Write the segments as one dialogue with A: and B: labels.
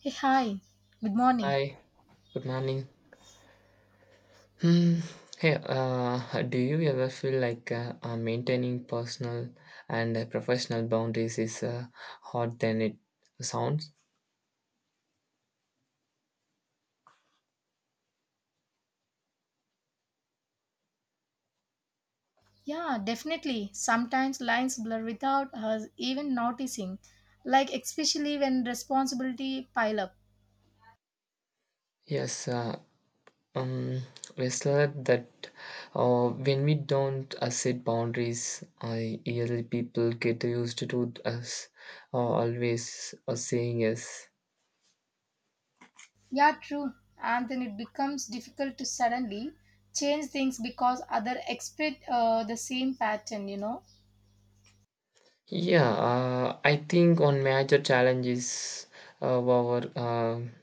A: Hey, hi. Good morning.
B: Hi, good morning. Hmm. Hey, do you ever feel like maintaining personal and professional boundaries is hard than it sounds?
A: Yeah, definitely. Sometimes lines blur without us even noticing, like especially when responsibility pile up.
B: Yes, uh, um, we said that when we don't set boundaries, usually people get used to us always saying yes.
A: Yeah, true. And then it becomes difficult to suddenly change things because other expect the same pattern, you know.
B: Yeah, I think one major challenge is our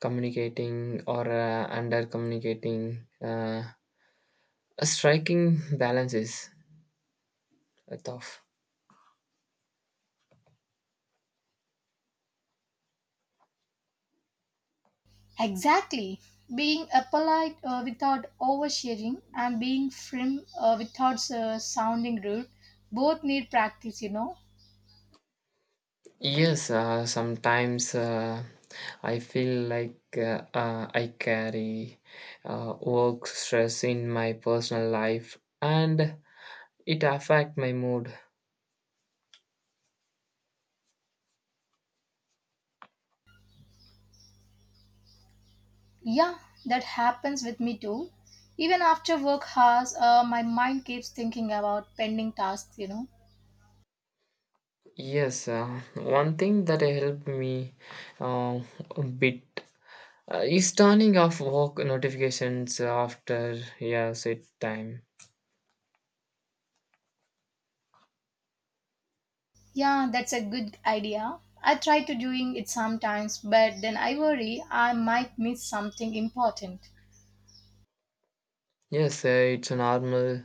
B: communicating or under communicating a striking balance is tough.
A: Exactly. Being polite without oversharing and being firm without sounding rude both need practice, you know.
B: Yes sometimes I feel like I carry work stress in my personal life and it affect my mood.
A: Yeah, that happens with me too. Even after work hours, my mind keeps thinking about pending tasks, you know.
B: Yes one thing that helped me uh, a bit is turning off work notifications after yeah set time.
A: Yeah, that's a good idea. I try to doing it sometimes, but then I worry I might miss something important.
B: Yes, it's normal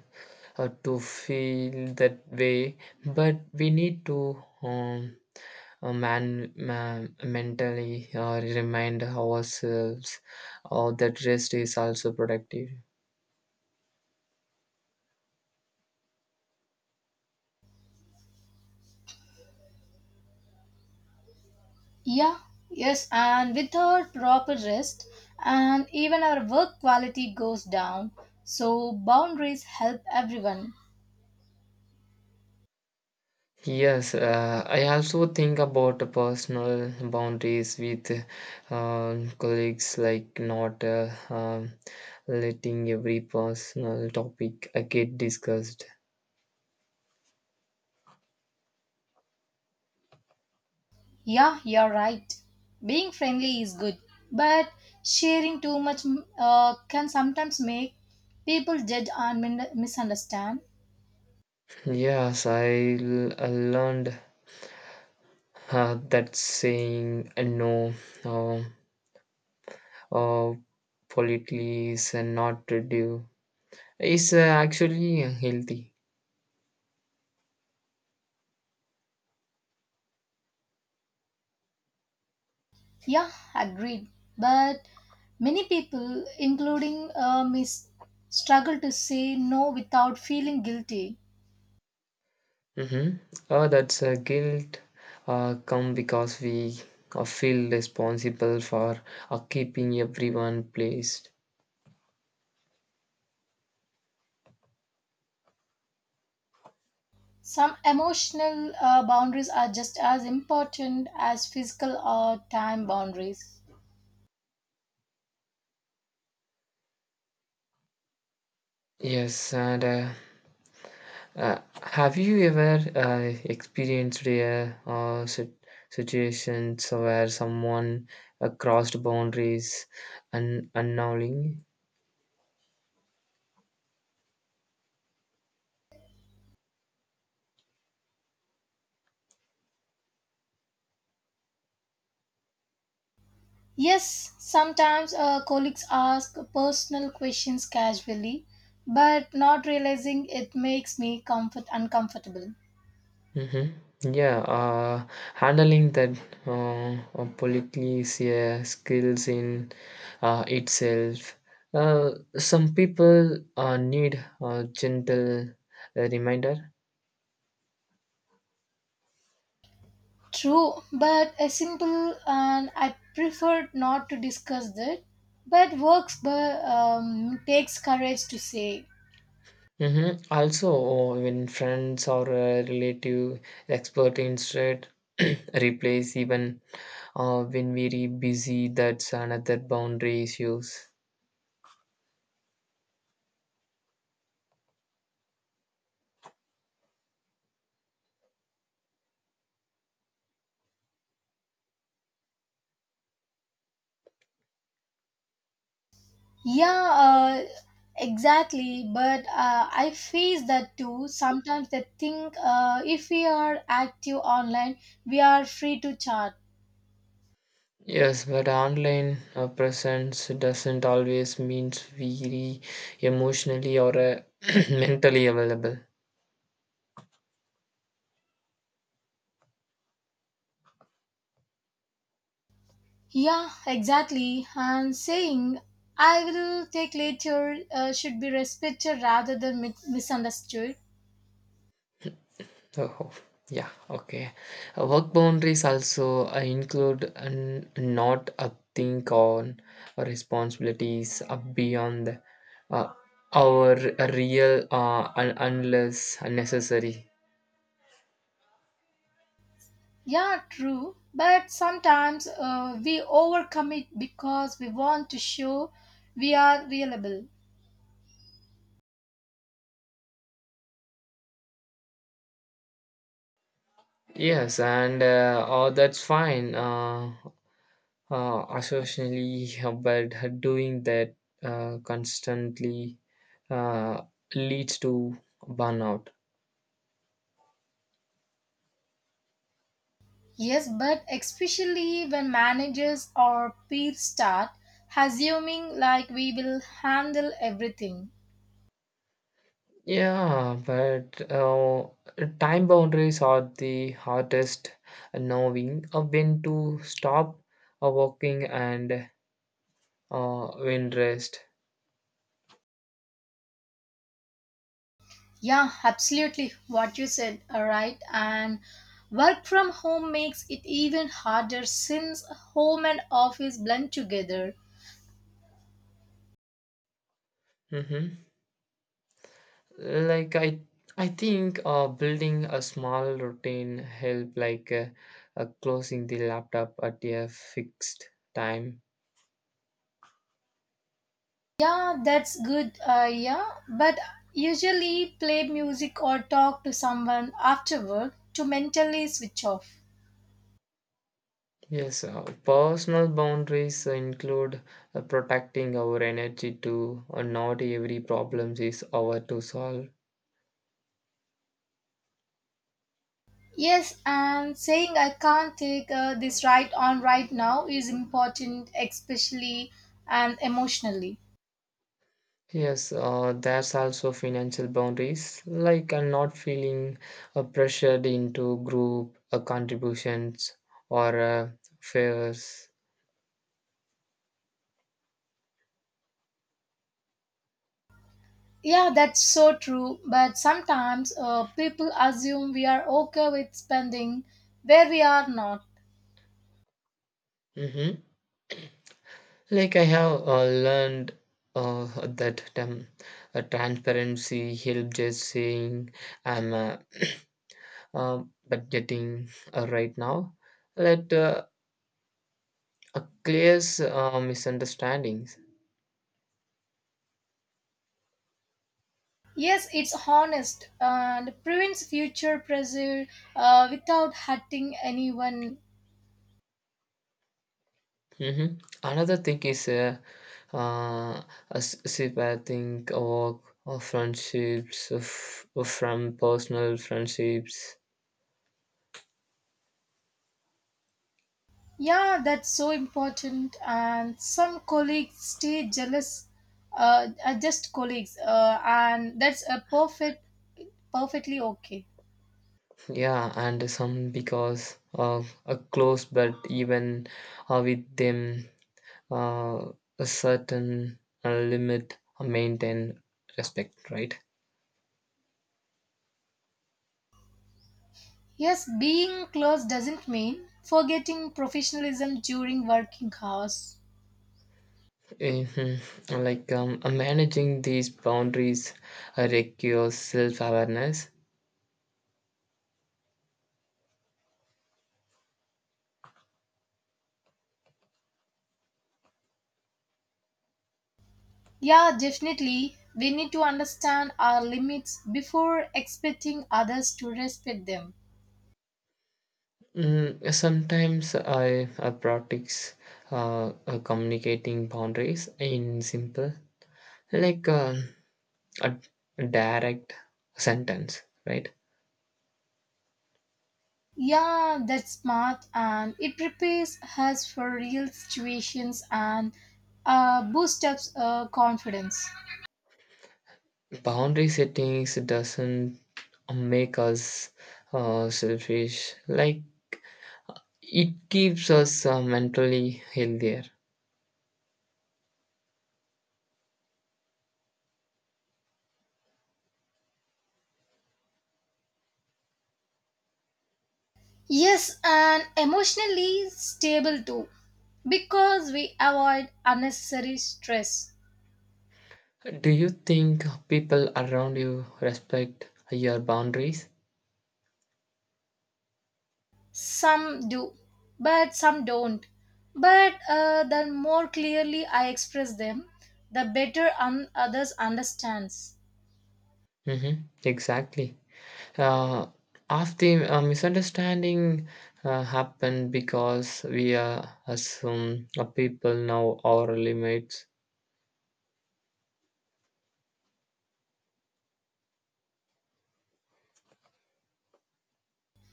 B: to feel that way, but we need to man, man mentally remind ourselves that rest is also productive.
A: Yeah, yes, and without proper rest, and even our work quality goes down. So boundaries help everyone.
B: Yes, I also think about the personal boundaries with colleagues, like not letting every personal topic get discussed.
A: Yeah, you're right. Being friendly is good, but sharing too much can sometimes make people judge and misunderstand.
B: Yes, I learned that's saying no, uh, uh, politely is not to do is actually healthy.
A: Yeah, agreed. But many people, including me, struggle to say no without feeling guilty.
B: Mm-hmm. That's guilt come because we feel responsible for keeping everyone placed.
A: Some emotional boundaries are just as important as physical or time boundaries.
B: Yes, and have you ever experienced a situations where someone crossed boundaries and unknowingly?
A: Yes, sometimes colleagues ask personal questions casually, but not realizing it makes me comfort uncomfortable.
B: Mhm. Yeah, handling that polyclesia skills in itself. Some people need a gentle reminder.
A: True, but a simple and I prefer not to discuss that. But works, but takes courage to say.
B: Mm-hmm. Also, when friends or a relative expert instead replace even when we're busy, that's another boundary issues.
A: Yeah, exactly. But I face that too. Sometimes they think if we are active online, we are free to chat.
B: Yes, but online presence doesn't always means very emotionally or mentally available.
A: Yeah, exactly. And saying I will take later should be respected rather than misunderstood.
B: Oh, yeah, okay. Work boundaries also include an, not a think on responsibilities beyond uh, our real unless necessary.
A: Yeah, true. But sometimes we overcommit because we want to show we are reliable.
B: Yes, and oh, that's fine. Associationally but doing that constantly uh, leads to burnout.
A: Yes, but especially when managers or peers start assuming like we will handle everything.
B: Yeah but time boundaries are the hardest, knowing when to stop working and when rest.
A: Yeah, absolutely. What you said, all right. And work from home makes it even harder since home and office blend together.
B: Hmm. Like I think building a small routine help like closing the laptop at a fixed time.
A: Yeah, that's good. Yeah, but usually play music or talk to someone after work to mentally switch off.
B: Yes, personal boundaries include protecting our energy too. Not every problem is our to solve.
A: Yes, and saying I can't take this right on right now is important, especially and emotionally.
B: Yes, there's also financial boundaries, like not feeling pressured into group contributions or favors.
A: Yeah, that's so true. But sometimes people assume we are okay with spending where we are not.
B: Hmm. Like I have learned that transparency helps, just saying I'm but getting right now that clears misunderstandings.
A: Yes, it's honest and prevents future pressure without hurting anyone.
B: Hmm. Another thing is uh, a sympathetic or, of friendships of, from personal friendships.
A: Yeah, that's so important. And some colleagues stay jealous, are just colleagues, and that's a perfect, perfectly okay.
B: Yeah, and some because of a close, but even with them, uh, a certain limit maintain respect, right?
A: Yes, being close doesn't mean forgetting professionalism during working hours.
B: Mm-hmm. Like managing these boundaries requires self awareness.
A: Yeah, definitely. We need to understand our limits before expecting others to respect them.
B: Mm, sometimes I practice communicating boundaries in simple, like a direct sentence, right?
A: Yeah, that's smart and it prepares us for real situations and boosts up confidence.
B: Boundary settings doesn't make us selfish, like it keeps us mentally healthier.
A: Yes, and emotionally stable too because we avoid unnecessary stress.
B: Do you think people around you respect your boundaries?
A: Some do, but some don't. But the more clearly I express them, the better others understands.
B: Hmm. Exactly. Uh, after misunderstanding happened because we assume people know our limits.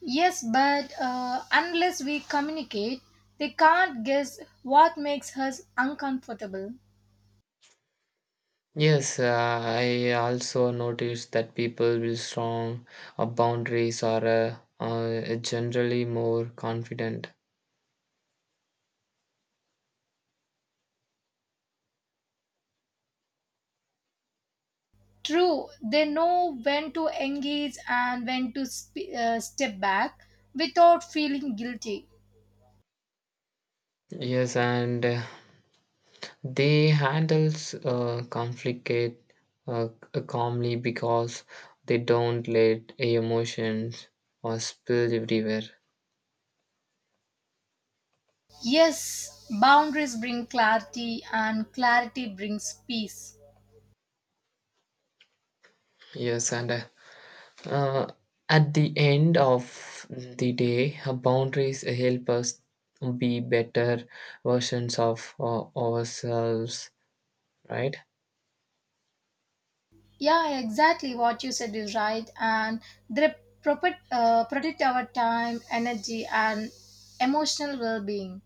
A: Yes, but unless we communicate, they can't guess what makes us uncomfortable.
B: Yes, I also noticed that people with strong boundaries are generally more confident.
A: True, they know when to engage and when to step back without feeling guilty.
B: Yes, and they handles conflict uh, calmly because they don't let emotions or spill everywhere.
A: Yes, boundaries bring clarity and clarity brings peace.
B: Yes, and uh, at the end of the day, boundaries help us be better versions of ourselves, right?
A: Yeah, exactly what you said is right, and they protect, protect our time, energy, and emotional well being.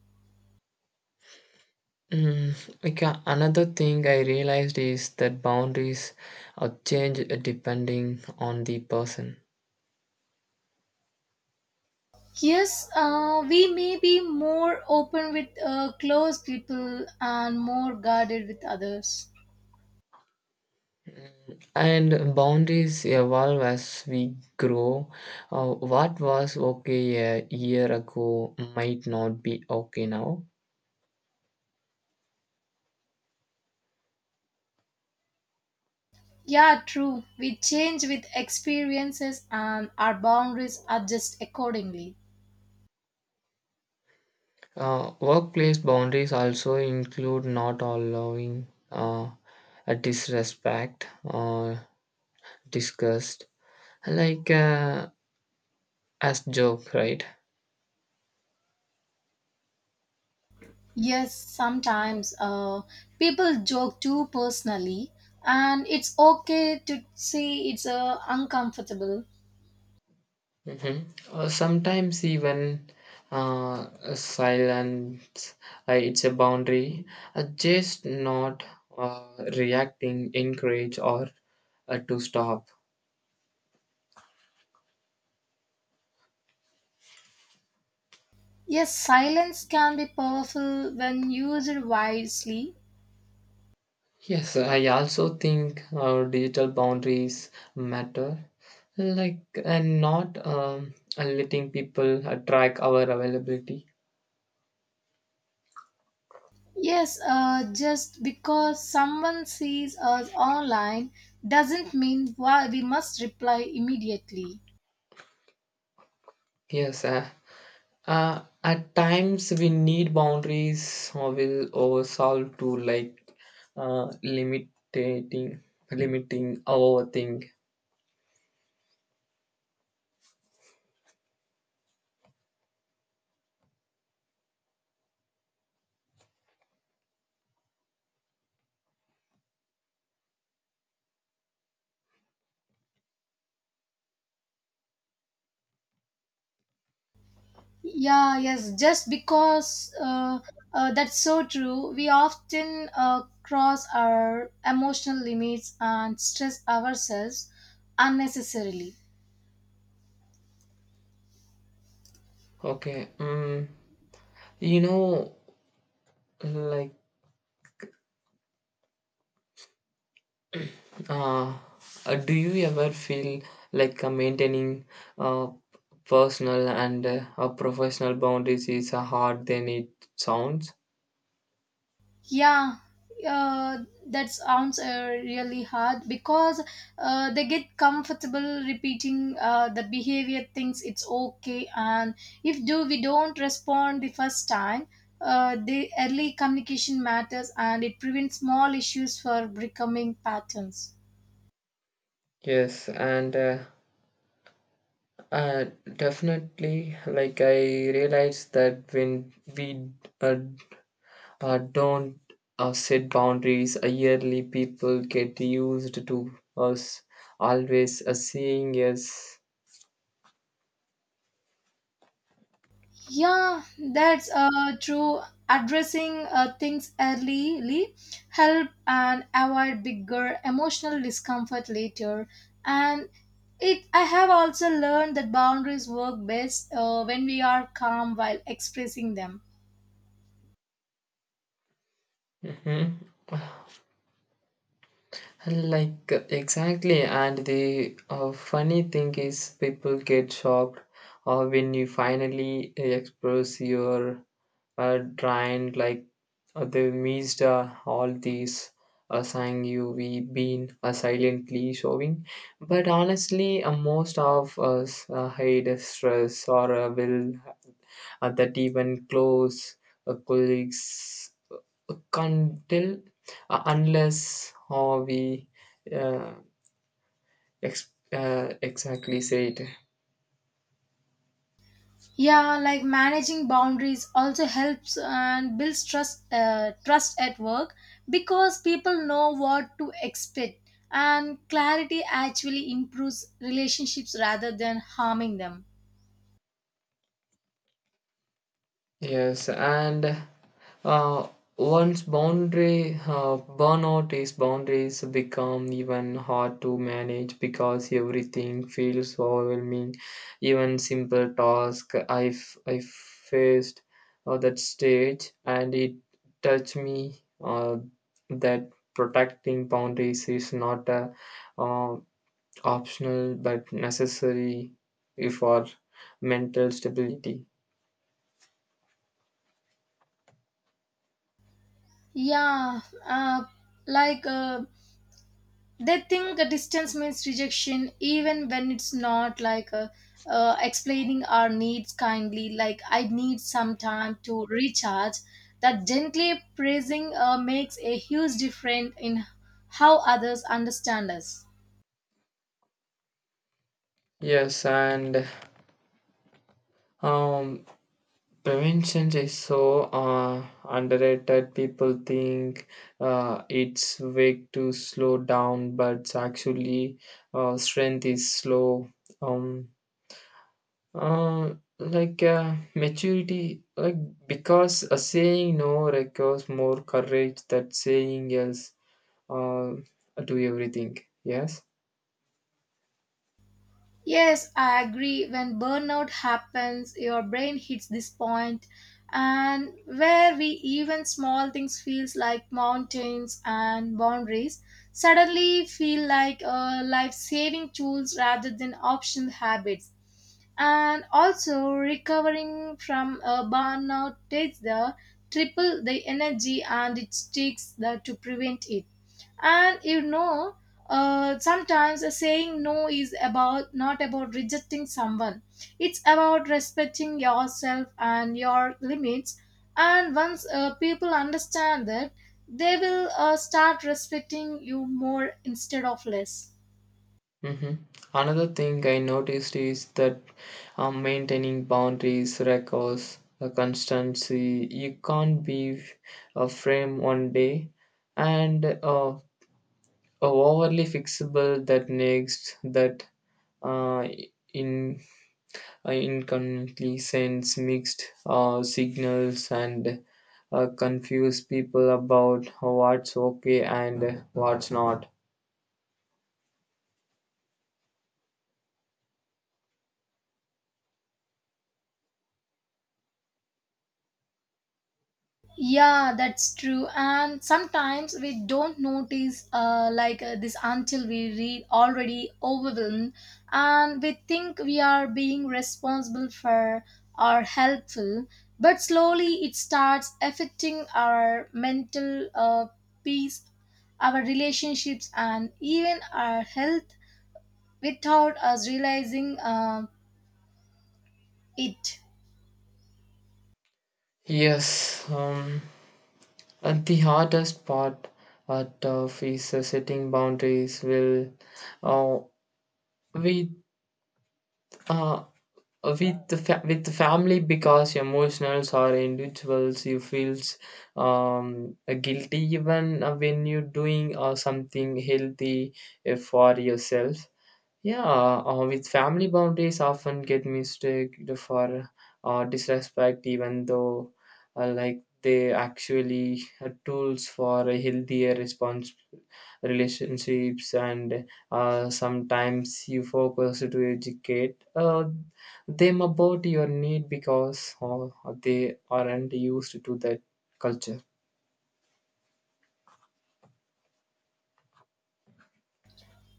B: Mm, like another thing I realized is that boundaries change depending on the person.
A: Yes, we may be more open with close people and more guarded with others.
B: And boundaries evolve as we grow. What was okay a year ago might not be okay now.
A: Yeah, true. We change with experiences and our boundaries adjust accordingly.
B: Workplace boundaries also include not allowing uh, a disrespect or disgust, like as joke, right?
A: Yes, sometimes people joke too personally, and it's okay to say it's uncomfortable.
B: Mhm. Or sometimes even silence, it's a boundary. Just not uh, reacting, encourage, or to stop.
A: Yes, silence can be powerful when used wisely.
B: Yes, I also think digital boundaries matter. Like, and not letting people track our availability.
A: Yes, just because someone sees us online doesn't mean why we must reply immediately.
B: Yes, uh, at times we need boundaries or will oversolve to, like, uh, limiting limiting our thing.
A: Yeah, yes, just because that's so true. We often cross our emotional limits and stress ourselves unnecessarily.
B: Okay. You know, like uh, do you ever feel like maintaining uh, personal and professional boundaries is hard than it sounds?
A: Yeah, uh, that sounds really hard because they get comfortable repeating the behavior thinks it's okay, and if do we don't respond the first time, the early communication matters and it prevents small issues for becoming patterns.
B: Yes, and uh, definitely, like I realized that when we uh, don't set boundaries. Yearly people get used to us always seeing us.
A: Yeah, that's true. Addressing things early help and avoid bigger emotional discomfort later. And it, I have also learned that boundaries work best when we are calm while expressing them.
B: Mhm. Like exactly, and the funny thing is, people get shocked when you finally express your drained, like they missed all these saying you we been silently showing, but honestly most of us hide the stress or will that even close colleagues can't tell unless how we uh, exactly say it.
A: Yeah, like managing boundaries also helps and builds trust trust at work because people know what to expect and clarity actually improves relationships rather than harming them.
B: Yes, and uh, once boundary burnout is, boundaries become even hard to manage because everything feels overwhelming. Even simple task I faced that stage, and it touched me that protecting boundaries is not a, uh, optional but necessary for mental stability.
A: Yeah, like they think a distance means rejection even when it's not like a, explaining our needs kindly like I need some time to recharge that gently praising makes a huge difference in how others understand us.
B: Yes, and Um, prevention is so underrated. People think it's weak to slow down, but actually, strength is slow. Um, uh, like maturity, like because a saying no requires more courage than saying yes uh, to everything. Yes.
A: Yes, I agree. When burnout happens, your brain hits this point and where we even small things feels like mountains and boundaries suddenly feel like life-saving tools rather than optional habits. And also recovering from a burnout takes the triple the energy and it takes the to prevent it, and you know, sometimes a saying no is about not about rejecting someone. It's about respecting yourself and your limits, and once people understand that, they will start respecting you more instead of less.
B: Hmm. Another thing I noticed is that maintaining boundaries requires a constancy. You can't be a frame one day and overly fixable that next that uh, in inconveniently sends mixed signals and confuse people about what's okay and what's not.
A: Yeah, that's true. And sometimes we don't notice this until we read already overwhelmed, and we think we are being responsible for or helpful. But slowly it starts affecting our mental peace, our relationships, and even our health without us realizing it.
B: Yes. And the hardest part of is setting boundaries will uh, with uh, with the with the family, because emotionals or individuals you feels guilty even when you're doing something healthy for yourself. Yeah, with family, boundaries often get mistaken for disrespect, even though like they actually are tools for a healthier response relationships, and sometimes you focus to educate them about your need because they aren't used to that culture.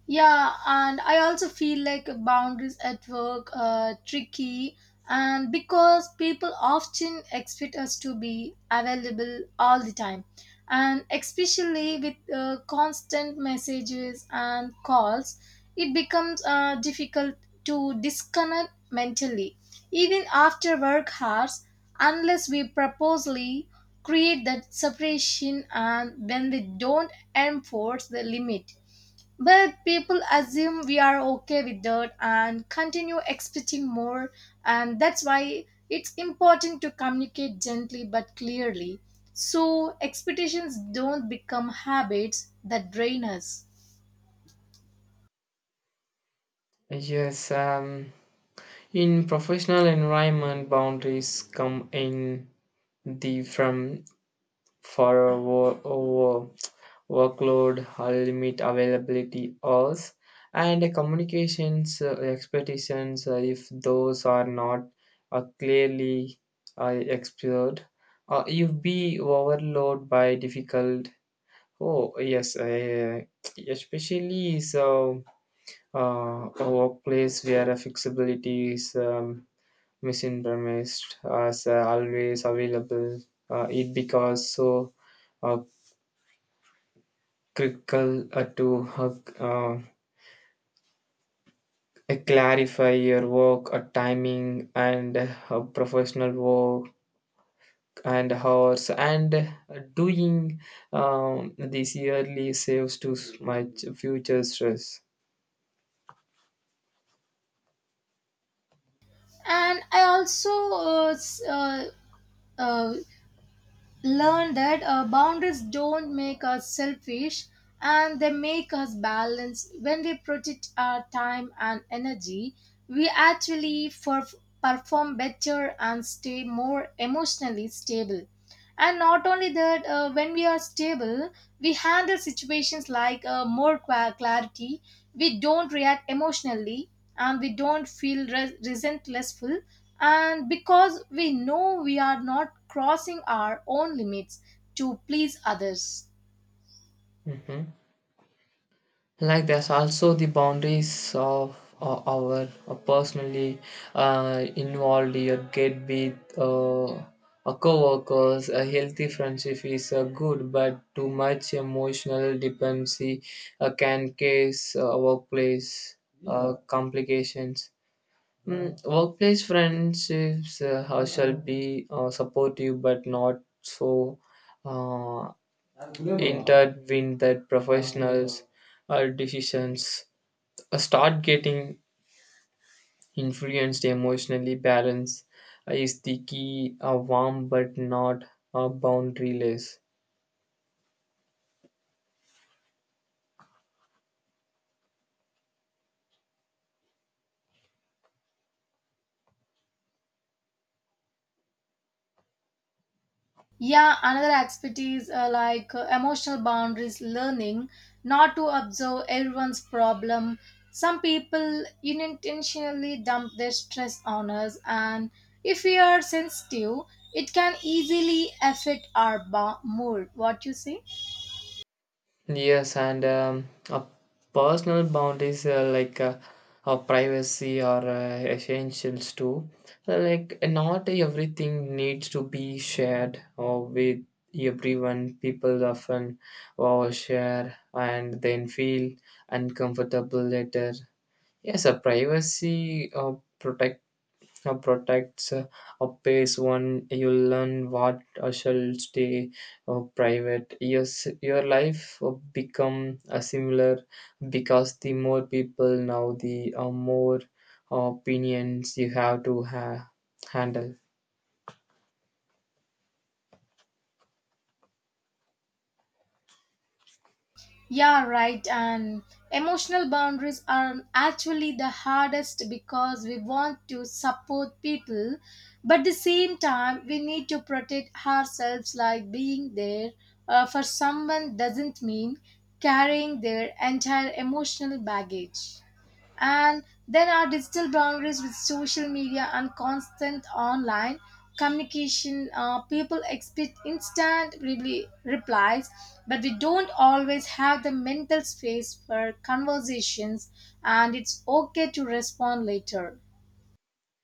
A: Yeah, and I also feel like boundaries at work are tricky, and because people often expect us to be available all the time, and especially with constant messages and calls, it becomes difficult to disconnect mentally, even after work hours, unless we purposely create that separation, and when we don't enforce the limit but people assume we are okay with that and continue expecting more, and that's why it's important to communicate gently but clearly so expectations don't become habits that drain us.
B: Yes, in professional environment, boundaries come in the from for a workload, a limit availability hours, and a communications expectations. Uh, if those are not clearly explored, you be overloaded by difficult. Oh yes, especially so a workplace where flexibility is misintermissed as always available. It becomes so uh, critical to uh, clarify your work, timing, and professional work and hours, and doing this yearly saves to much future stress.
A: And I also uh, learn that boundaries don't make us selfish and they make us balanced. When we protect our time and energy, we actually perform better and stay more emotionally stable. And not only that, when we are stable, we handle situations like more clarity, we don't react emotionally, and we don't feel resentlessful, and because we know we are not crossing our own limits to please others.
B: Mhm. Like there's also the boundaries of our personally involved your get with a co-workers. A healthy friendship is good, but too much emotional dependency can cause workplace complications. Mm, workplace friendships shall be supportive but not so uh, intertwined that professionals decisions start getting influenced emotionally. Balance is the key. A warm but not boundaryless.
A: Yeah, another aspect is emotional boundaries, learning not to observe everyone's problem. Some people unintentionally dump their stress on us, and if we are sensitive it can easily affect our mood, what you say.
B: Yes, and a personal boundaries privacy or essentials too. Like not everything needs to be shared or with everyone. People often overshare and then feel uncomfortable later. Yes, a privacy protect protects a pace one you learn what shall stay private. Yes, your life become similar because the more people now the more opinions you have to handle.
A: Yeah, right. And emotional boundaries are actually the hardest because we want to support people, but at the same time, we need to protect ourselves. Like being there for someone doesn't mean carrying their entire emotional baggage. And then our digital boundaries with social media and constant online communication. People expect instant replies, but we don't always have the mental space for conversations, and it's okay to respond later.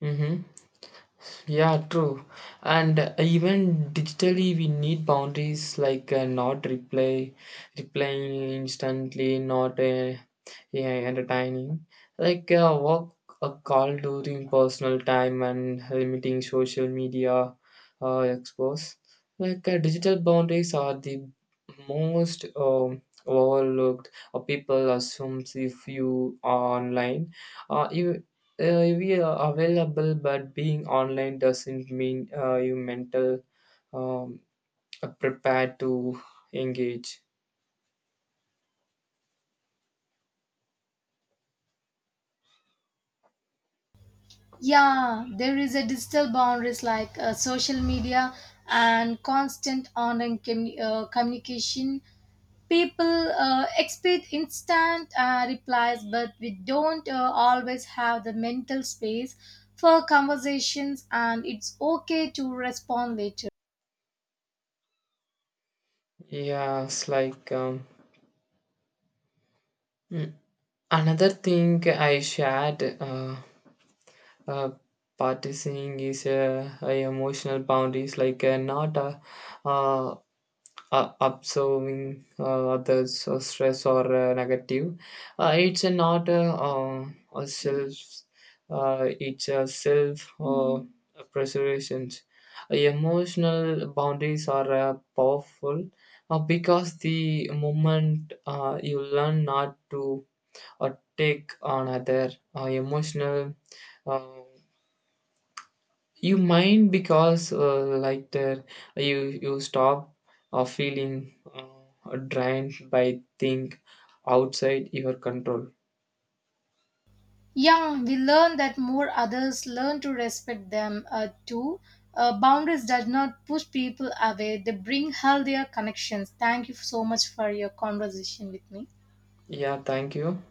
B: Mm-hmm. Yeah, true. And even digitally, we need boundaries like not reply, replying instantly, not yeah, entertaining. Like work a call during personal time and limiting social media expose. Like digital boundaries are the most overlooked. Or people assumes if you are online, you. We are available, but being online doesn't mean you mental um, prepared to engage.
A: Yeah, there is a digital boundaries like social media and constant online communication. People expect instant replies, but we don't always have the mental space for conversations, and it's okay to respond later.
B: Yeah, it's like mm, another thing I shared uh, practicing is emotional boundaries, like not uh, observing others or stress or negative. It's not a self, it's a self preservation. Emotional boundaries are powerful because the moment you learn not to or take on other emotional uh, you mind because like there you you stop feeling drained by thing outside your control.
A: Young, we learn that more others learn to respect them too. Boundaries does not push people away; they bring healthier connections. Thank you so much for your conversation with me.
B: Yeah, thank you.